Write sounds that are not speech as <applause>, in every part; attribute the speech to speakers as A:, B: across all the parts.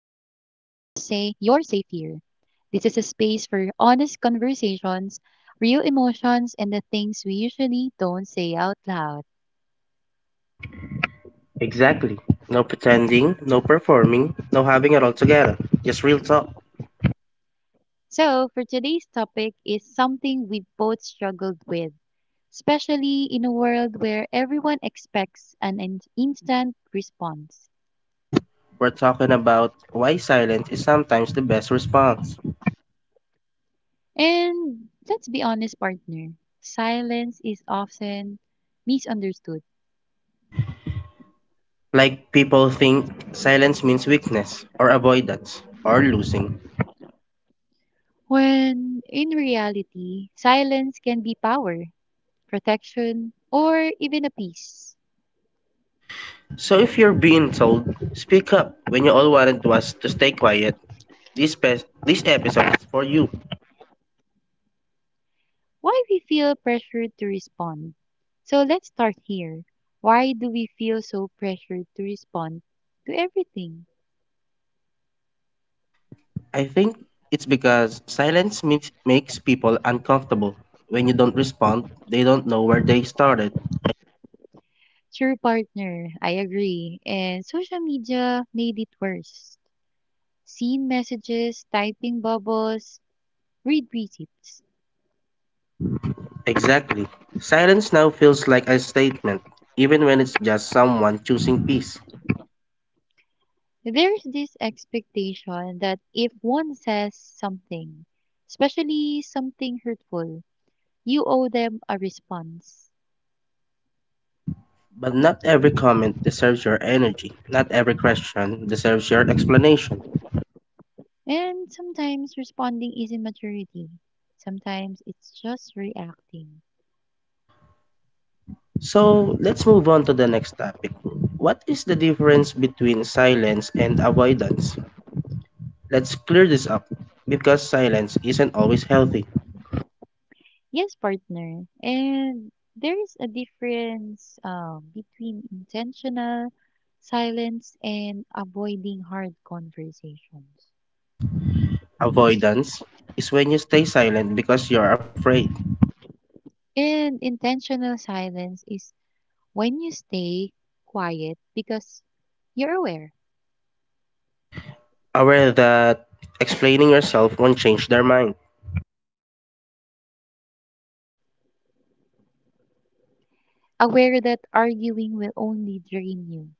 A: say you're safe here. This is a space for honest conversations, real emotions, and the things we usually don't say out loud.
B: Exactly. No pretending, no performing, no having it all together. Just real talk.
A: So, for today's topic is something we've both struggled with, especially in a world where everyone expects an instant response.
B: We're talking about why silence is sometimes the best response.
A: And let's be honest, partner, silence is often misunderstood.
B: Like people think silence means weakness, or avoidance, or losing.
A: When in reality, silence can be power, protection, or even a peace.
B: So if you're being told, speak up when you all wanted was to stay quiet, this episode is for you.
A: Why we feel pressured to respond? So let's start here. Why do we feel so pressured to respond to everything?
B: I think it's because silence makes people uncomfortable. When you don't respond, they don't know where they started.
A: True partner, I agree. And social media made it worse. Seen messages, typing bubbles, read receipts.
B: Exactly. Silence now feels like a statement, even when it's just someone choosing peace.
A: There's this expectation that if one says something, especially something hurtful, you owe them a response.
B: But not every comment deserves your energy. Not every question deserves your explanation.
A: And sometimes responding isn't maturity. Sometimes it's just reacting.
B: So let's move on to the next topic. What is the difference between silence and avoidance? Let's clear this up because silence isn't always healthy.
A: Yes, partner. And there's a difference between intentional silence and avoiding hard conversations.
B: Avoidance is when you stay silent because you're afraid,
A: And intentional silence is when you stay quiet because you're aware,
B: aware that explaining yourself won't change their mind.
A: aware that arguing will only drain you.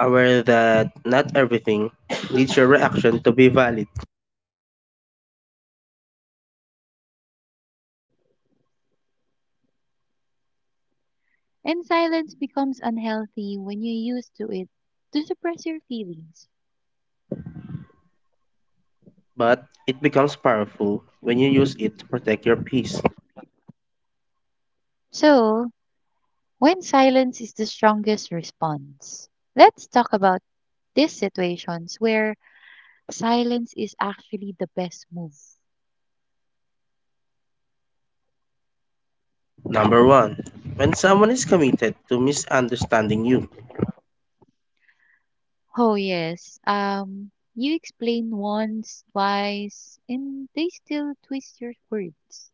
B: Aware that not everything needs your reaction to be valid,
A: And silence becomes unhealthy when you're used to it to suppress your feelings.
B: but it becomes powerful when you use it to protect your peace.
A: So, when silence is the strongest response, let's talk about these situations where silence is actually the best move.
B: Number one, when someone is committed to misunderstanding you,
A: Oh, yes. You explain once, twice, and they still twist your words.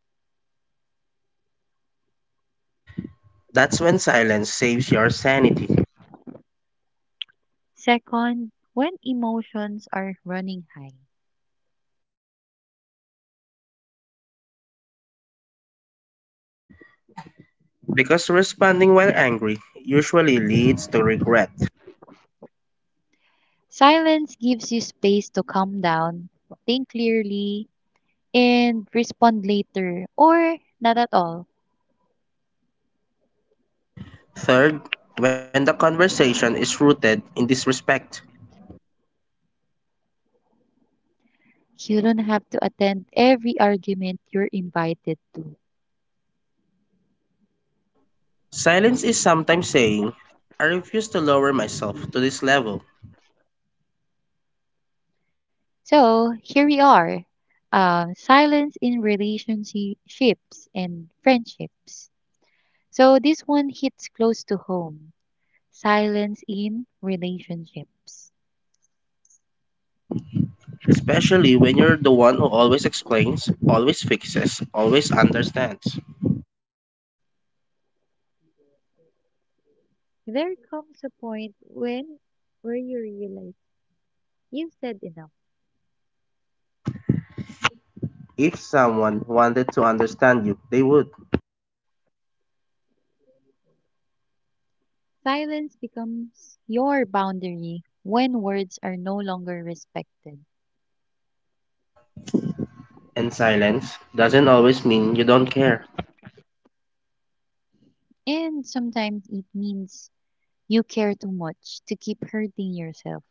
B: that's when silence saves your sanity.
A: Second, when emotions are running high,
B: Because responding while angry usually leads to regret.
A: silence gives you space to calm down, think clearly, and respond later or not at all.
B: Third, when the conversation is rooted in disrespect,
A: You don't have to attend every argument you're invited to.
B: silence is sometimes saying, I refuse to lower myself to this level,
A: So here we are, silence in relationships and friendships. So this one hits close to home, silence in relationships.
B: especially when you're the one who always explains, always fixes, always understands.
A: There comes a point when where you realize you've said enough.
B: If someone wanted to understand you, they would.
A: Silence becomes your boundary when words are no longer respected.
B: And silence doesn't always mean you don't care.
A: And sometimes it means you care too much to keep hurting yourself.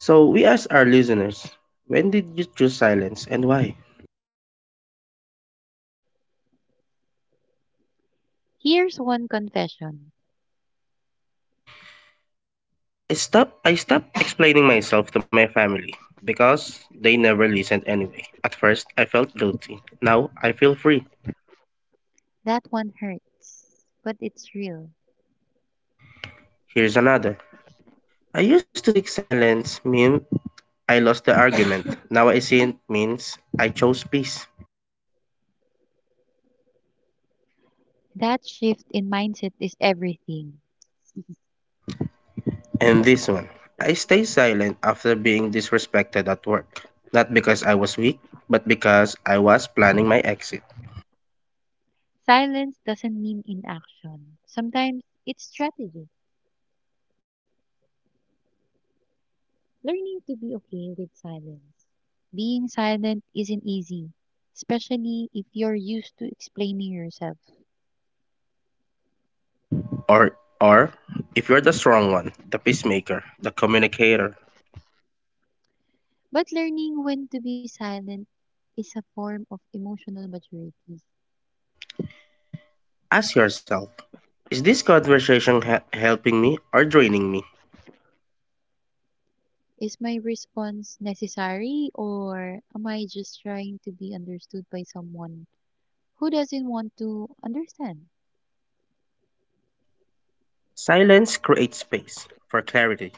B: So we ask our listeners, when did you choose silence and why?
A: Here's one confession.
B: I stopped explaining myself to my family because they never listened anyway. At first I felt guilty. Now I feel free.
A: That one hurts, but it's real.
B: Here's another. I used to think silence mean, I lost the argument. Now I see it means I chose peace.
A: That shift in mindset is everything. <laughs>
B: And this one. I stayed silent after being disrespected at work. Not because I was weak, but because I was planning my exit.
A: Silence doesn't mean inaction. Sometimes it's strategy. Learning to be okay with silence. Being silent isn't easy, especially if you're used to explaining yourself.
B: Or if you're the strong one, the peacemaker, the communicator,
A: But learning when to be silent is a form of emotional maturity.
B: ask yourself, is this conversation helping me or draining me?
A: Is my response necessary or am I just trying to be understood by someone who doesn't want to understand?
B: Silence creates space for clarity,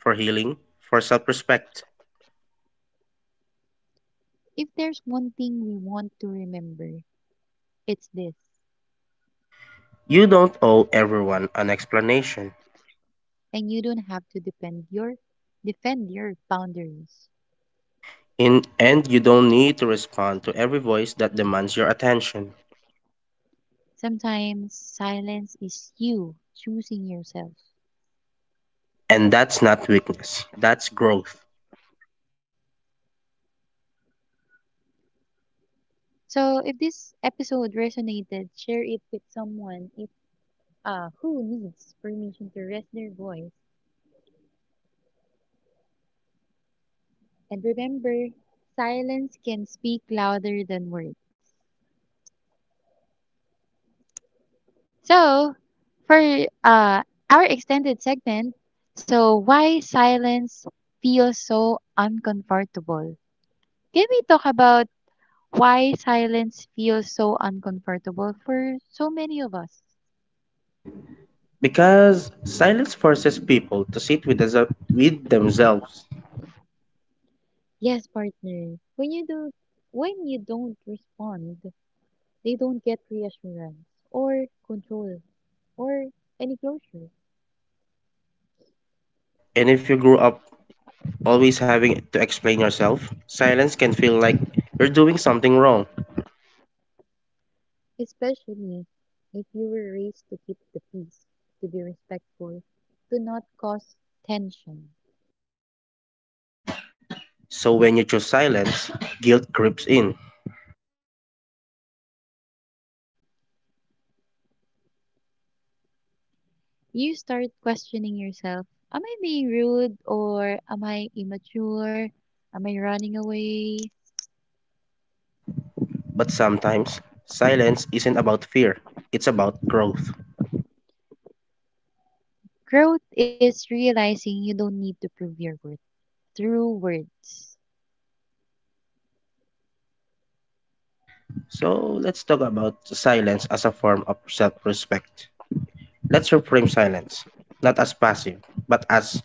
B: for healing, for self-respect.
A: If there's one thing we want to remember, it's this,
B: You don't owe everyone an explanation.
A: and you don't have to depend your defend your boundaries.
B: In and you don't need to respond to every voice that demands your attention.
A: Sometimes silence is you choosing yourself.
B: And that's not weakness, that's growth.
A: So if this episode resonated, share it with someone if who needs permission to rest their voice. And remember, silence can speak louder than words. So, for uh, our extended segment, so why silence feels so uncomfortable? Can we talk about why silence feels so uncomfortable for so many of us?
B: Because silence forces people to sit with themselves.
A: Yes, partner. When you don't respond, they don't get reassurance or control or any closure.
B: And if you grew up always having to explain yourself, silence can feel like you're doing something wrong.
A: Especially if you were raised to keep the peace, to be respectful, to not cause tension.
B: So when you choose silence, guilt creeps in.
A: You start questioning yourself: Am I being rude or am I immature? Am I running away?
B: But sometimes, silence isn't about fear, it's about growth.
A: Growth is realizing you don't need to prove your worth through words.
B: So let's talk about silence as a form of self respect. Let's reframe silence, not as passive, but as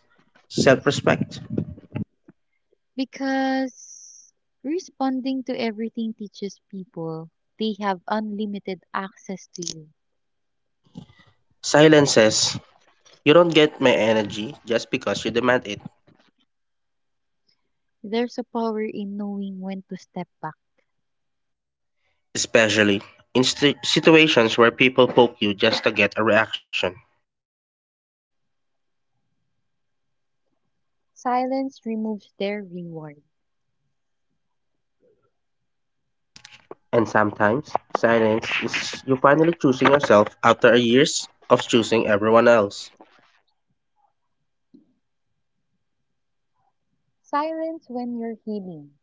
B: self respect.
A: Because responding to everything teaches people they have unlimited access to you.
B: Silence says, you don't get my energy just because you demand it,
A: There's a power in knowing when to step back.
B: especially in situations where people poke you just to get a reaction.
A: Silence removes their reward.
B: And sometimes, silence is you finally choosing yourself after years of choosing everyone else.
A: Silence when you're healing.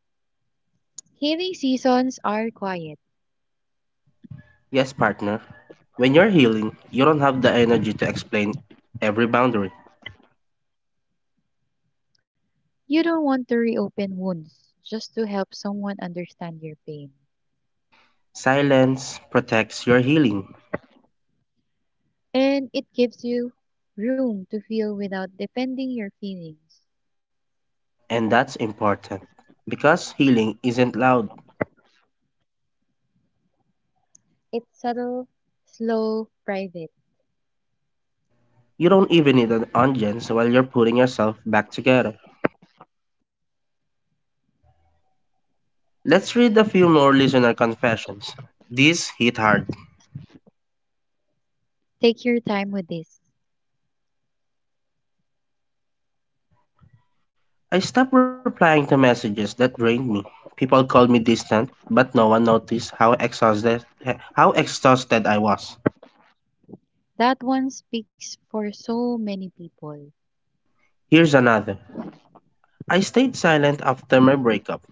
A: Healing seasons are quiet.
B: Yes, partner, when you're healing, you don't have the energy to explain every boundary.
A: You don't want to reopen wounds just to help someone understand your pain.
B: Silence protects your healing.
A: And it gives you room to feel without defending your feelings.
B: And that's important because healing isn't loud.
A: It's subtle, slow, private.
B: You don't even need an audience while you're putting yourself back together. Let's read a few more listener confessions. These hit hard.
A: Take your time with this.
B: I stopped replying to messages that drained me. People called me distant, but no one noticed how exhausted I was.
A: That one speaks for so many people.
B: Here's another. I stayed silent after my breakup.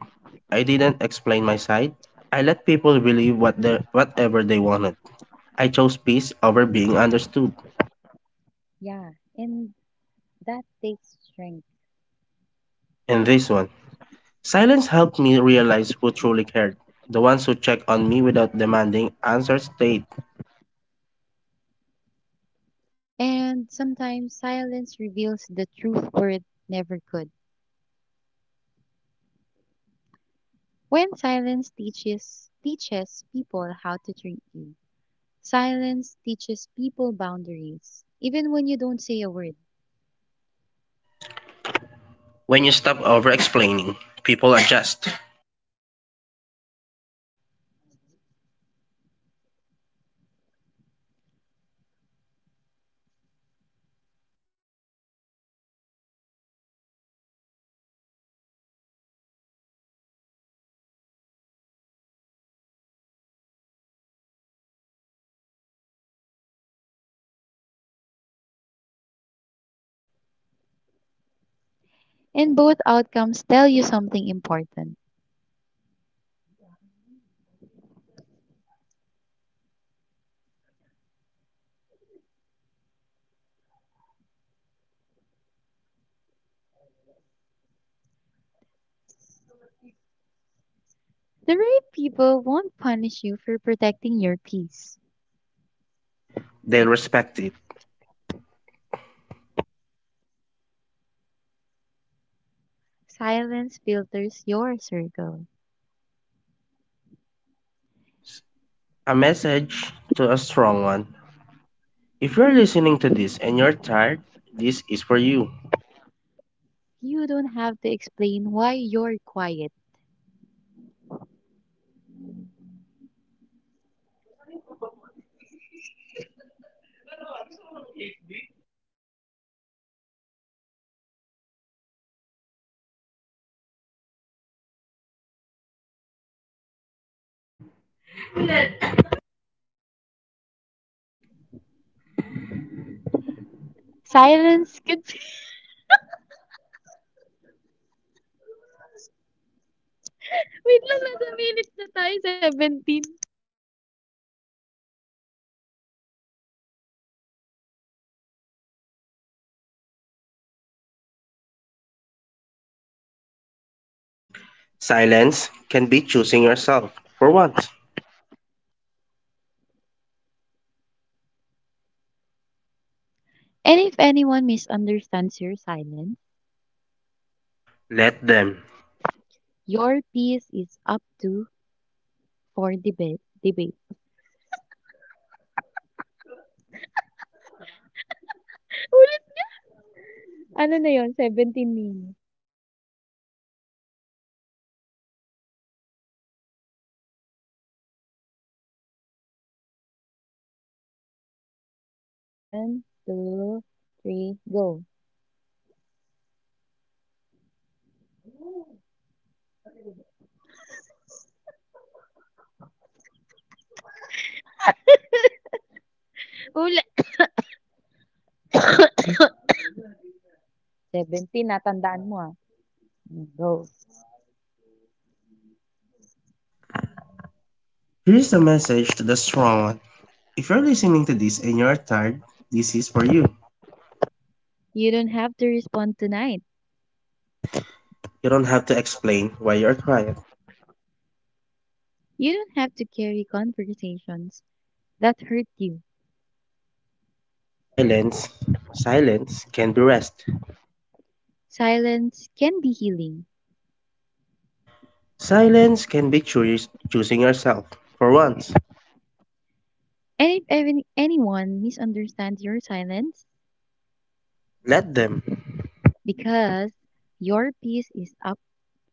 B: I didn't explain my side. I let people believe whatever they wanted. I chose peace over being understood.
A: Yeah, and that takes strength.
B: And this one. Silence helped me realize who truly cared. The ones who check on me without demanding answers stayed.
A: And sometimes silence reveals the truth word never could. When silence teaches people how to treat you. Silence teaches people boundaries, even when you don't say a word.
B: When you stop over explaining, people adjust.
A: And both outcomes tell you something important. The right people won't punish you for protecting your peace.
B: They'll respect it.
A: Silence filters your circle.
B: A message to a strong one. If you're listening to this and you're tired, this is for you.
A: You don't have to explain why you're quiet. Silence could be... <laughs> Wait lang, nasa minute na tayo, 17.
B: Silence can be choosing yourself for once.
A: And if anyone misunderstands your silence,
B: Let them.
A: your peace is up to for debate. Ulit! Ano na yon 17 minutes. One, two, three, go. Ulit! 17, natandaan mo ah. Mm, Go.
B: Here's a message to the strong one. If you're listening to this and you're tired, this is for you.
A: You don't have to respond tonight.
B: You don't have to explain why you're quiet.
A: You don't have to carry conversations that hurt you.
B: Silence, silence can be rest.
A: Silence can be healing.
B: Silence can be choosing yourself for once.
A: And if even anyone misunderstands your silence,
B: Let them.
A: because your piece is up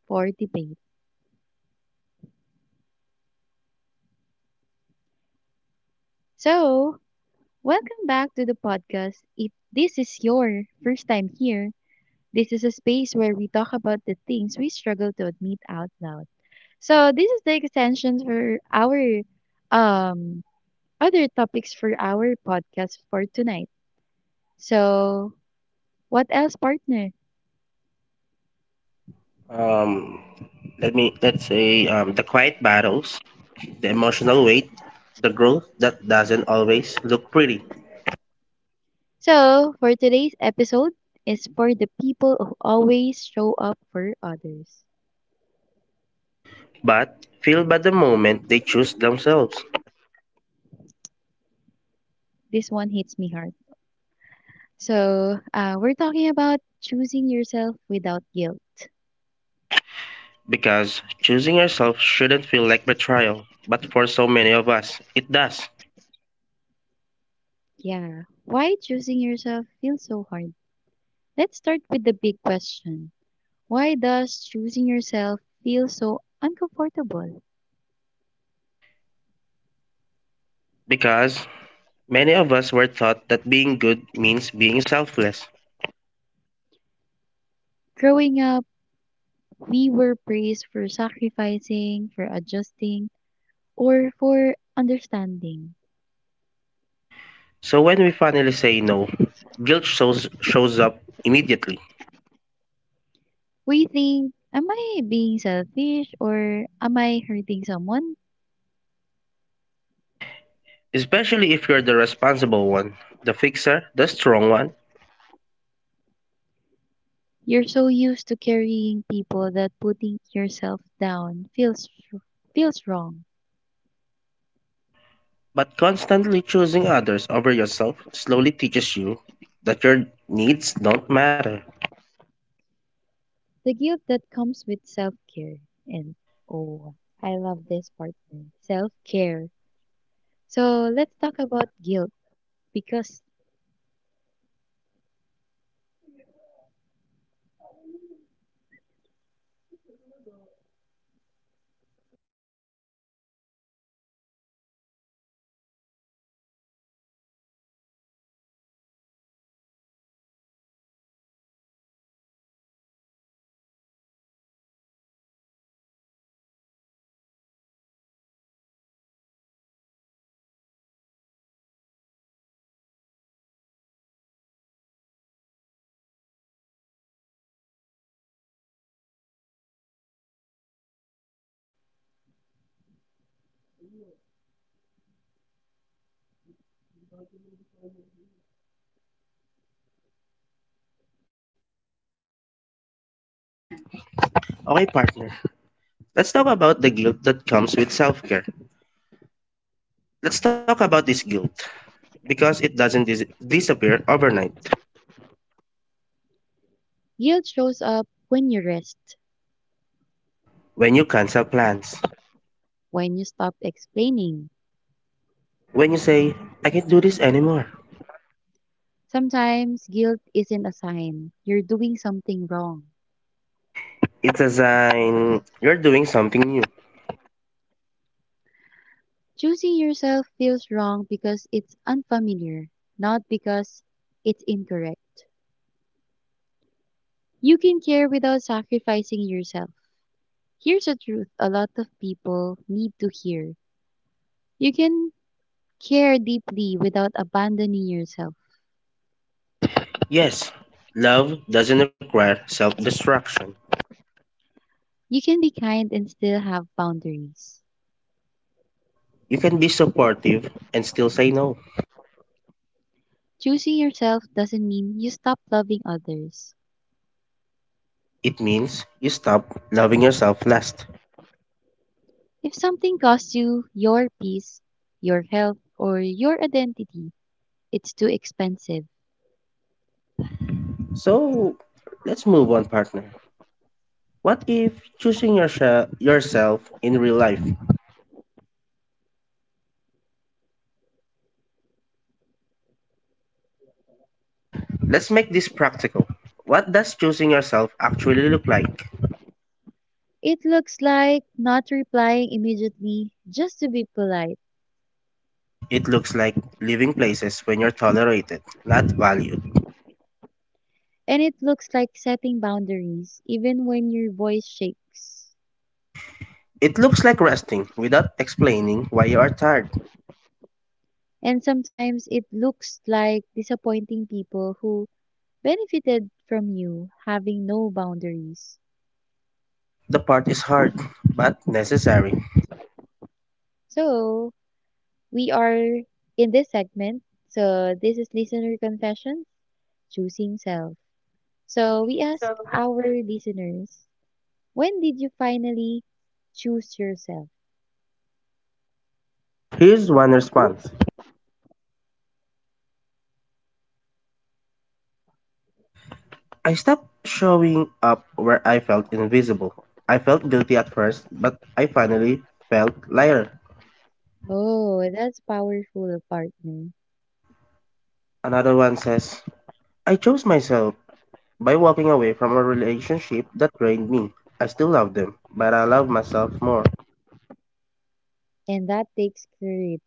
A: for debate. So, welcome back to the podcast. If this is your first time here, this is a space where we talk about the things we struggle to admit out loud. So, this is the extension for our um other topics for our podcast for tonight. So, what else, partner?
B: Um, let's say the quiet battles, the emotional weight, the growth that doesn't always look pretty,
A: So, for today's episode is for the people who always show up for others.
B: but feel by the moment they choose themselves.
A: This one hits me hard. So, we're talking about choosing yourself without guilt.
B: Because choosing yourself shouldn't feel like betrayal, but for so many of us, it does.
A: Yeah. Why choosing yourself feels so hard? Let's start with the big question. Why does choosing yourself feel so uncomfortable?
B: Because many of us were taught that being good means being selfless.
A: Growing up, we were praised for sacrificing, for adjusting, or for understanding.
B: So when we finally say no, guilt shows up immediately,
A: We think, am I being selfish or am I hurting someone?
B: especially if you're the responsible one, the fixer, the strong one.
A: You're so used to carrying people that putting yourself down feels wrong.
B: But constantly choosing others over yourself slowly teaches you that your needs don't matter.
A: The guilt that comes with self-care and oh, I love this part. Man, self-care. So let's talk about guilt because
B: Okay, okay, partner. Let's talk about the guilt that comes with self care. Let's talk about this guilt because it doesn't disappear overnight.
A: guilt shows up when you rest,
B: When you cancel plans,
A: when you stop explaining.
B: when you say, I can't do this anymore,
A: Sometimes guilt isn't a sign you're doing something wrong.
B: it's a sign you're doing something new.
A: Choosing yourself feels wrong because it's unfamiliar, not because it's incorrect. You can care without sacrificing yourself. Here's a truth a lot of people need to hear. You can care deeply without abandoning yourself.
B: Yes, love doesn't require self destruction.
A: You can be kind and still have boundaries.
B: You can be supportive and still say no.
A: Choosing yourself doesn't mean you stop loving others.
B: It means you stop loving yourself last.
A: If something costs you your peace, your health, or your identity, it's too expensive.
B: So, let's move on, partner. What if choosing yourself in real life? Let's make this practical. What does choosing yourself actually look like?
A: It looks like not replying immediately just to be polite.
B: It looks like leaving places when you're tolerated, not valued.
A: And it looks like setting boundaries even when your voice shakes.
B: It looks like resting without explaining why you are tired.
A: And sometimes it looks like disappointing people who benefited from you having no boundaries.
B: The part is hard, but necessary.
A: So, we are in this segment. So, this is Listener Confessions, Choosing Self. So, we ask our listeners, when did you finally choose yourself?
B: Here's one response. I stopped showing up where I felt invisible. I felt guilty at first, but I finally felt lighter.
A: Oh, that's powerful, partner.
B: Another one says, I chose myself by walking away from a relationship that drained me. I still love them, but I love myself more.
A: And that takes courage.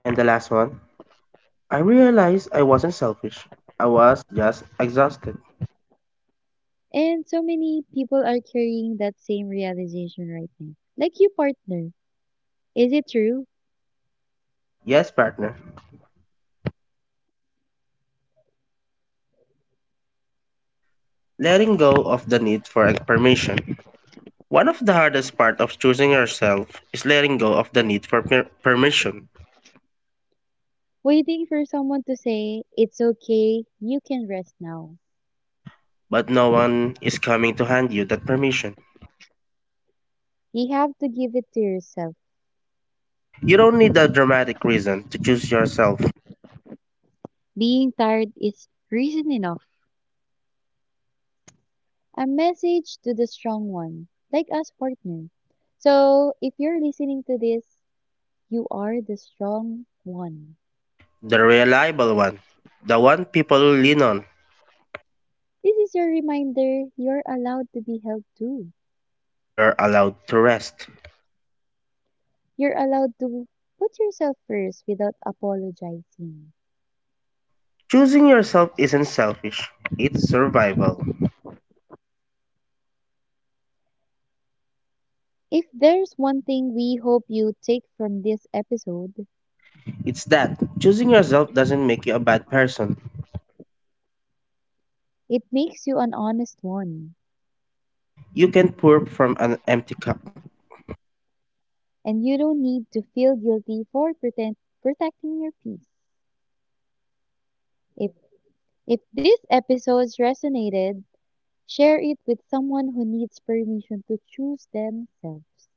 B: And the last one, I realized I wasn't selfish. I was just exhausted.
A: And so many people are carrying that same realization right now. Like you, partner. Is it true?
B: Yes, partner. Letting go of the need for permission. One of the hardest parts of choosing yourself is letting go of the need for permission,
A: Waiting for someone to say, it's okay, you can rest now.
B: but no one is coming to hand you that permission.
A: You have to give it to yourself.
B: You don't need a dramatic reason to choose yourself,
A: Being tired is reason enough. A message to the strong one, like us, partner. So if you're listening to this, you are the strong one.
B: the reliable one, the one people lean on.
A: This is your reminder you're allowed to be held too.
B: You're allowed to rest.
A: You're allowed to put yourself first without apologizing.
B: Choosing yourself isn't selfish, it's survival.
A: If there's one thing we hope you take from this episode,
B: It's that choosing yourself doesn't make you a bad person.
A: it makes you an honest one,
B: You can pour from an empty cup.
A: and you don't need to feel guilty for protecting your peace. If if this episode resonated, share it with someone who needs permission to choose themselves.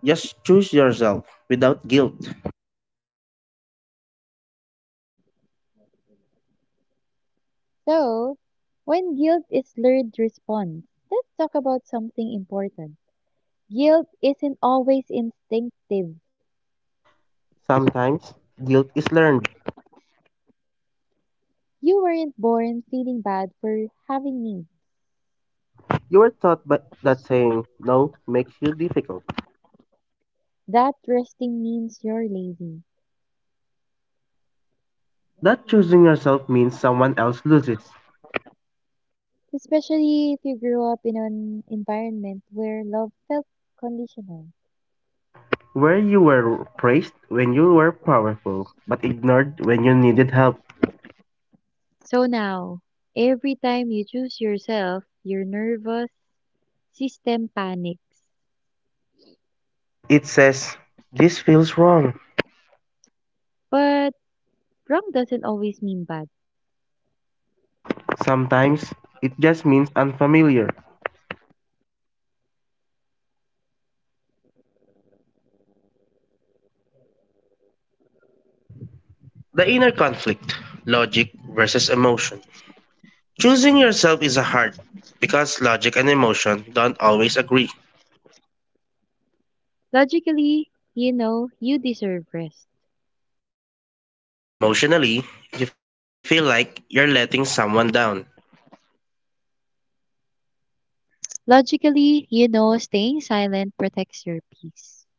B: Just choose yourself without guilt.
A: So, when guilt is learned response, let's talk about something important. Guilt isn't always instinctive.
B: Sometimes guilt is learned.
A: You weren't born feeling bad for having needs.
B: You were taught by, that saying no makes you difficult.
A: That resting means you're lazy,
B: That choosing yourself means someone else loses.
A: especially if you grew up in an environment where love felt conditional.
B: Where you were praised when you were powerful, but ignored when you needed help.
A: So now, every time you choose yourself, your nervous system panics.
B: It says, this feels wrong.
A: But wrong doesn't always mean bad.
B: Sometimes it just means unfamiliar. The inner conflict, logic versus emotion. Choosing yourself is a hard because logic and emotion don't always agree.
A: Logically, you know you deserve rest.
B: Emotionally, you feel like you're letting someone down.
A: Logically, you know staying silent protects your peace.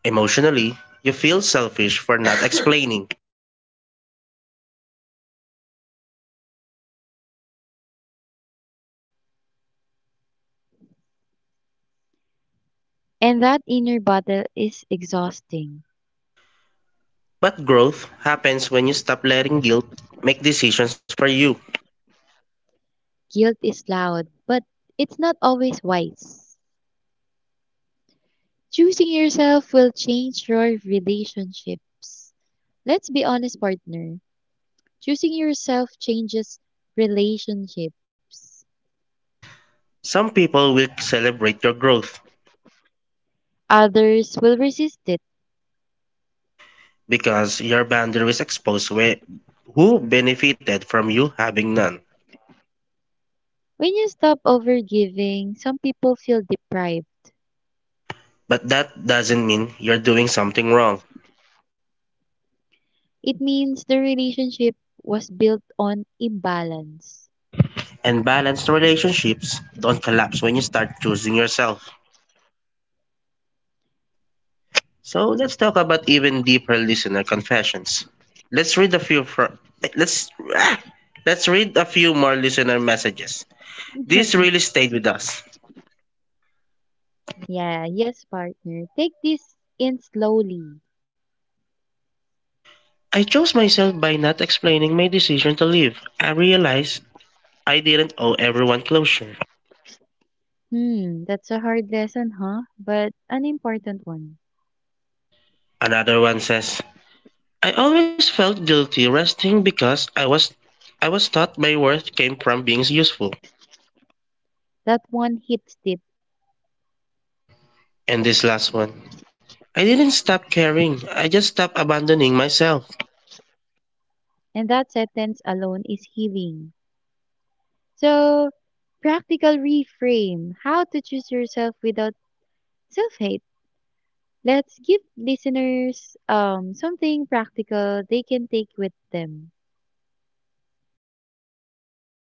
B: Emotionally, you feel selfish for not explaining.
A: And that inner battle is exhausting.
B: But growth happens when you stop letting guilt make decisions for you.
A: Guilt is loud, but it's not always wise. Choosing yourself will change your relationships. Let's be honest, partner. Choosing yourself changes relationships.
B: Some people will celebrate your growth
A: Others will resist it.
B: because your boundaries expose who benefited from you having none.
A: When you stop overgiving, some people feel deprived.
B: But that doesn't mean you're doing something wrong.
A: It means the relationship was built on imbalance.
B: And balanced relationships don't collapse when you start choosing yourself. So let's talk about even deeper listener confessions. Let's read a few fr- let's <coughs> <clears throat> let's read a few more listener messages. These really stayed with us.
A: Yeah, yes, partner. Take this in slowly.
B: I chose myself by not explaining my decision to leave. I realized I didn't owe everyone closure.
A: Hmm, that's a hard lesson, huh? But an important one.
B: Another one says, I always felt guilty resting because I was taught my worth came from being useful.
A: That one hits deep,
B: And this last one, I didn't stop caring. I just stopped abandoning myself.
A: and that sentence alone is healing. So, practical reframe how to choose yourself without self hate. Let's give listeners something practical they can take with them.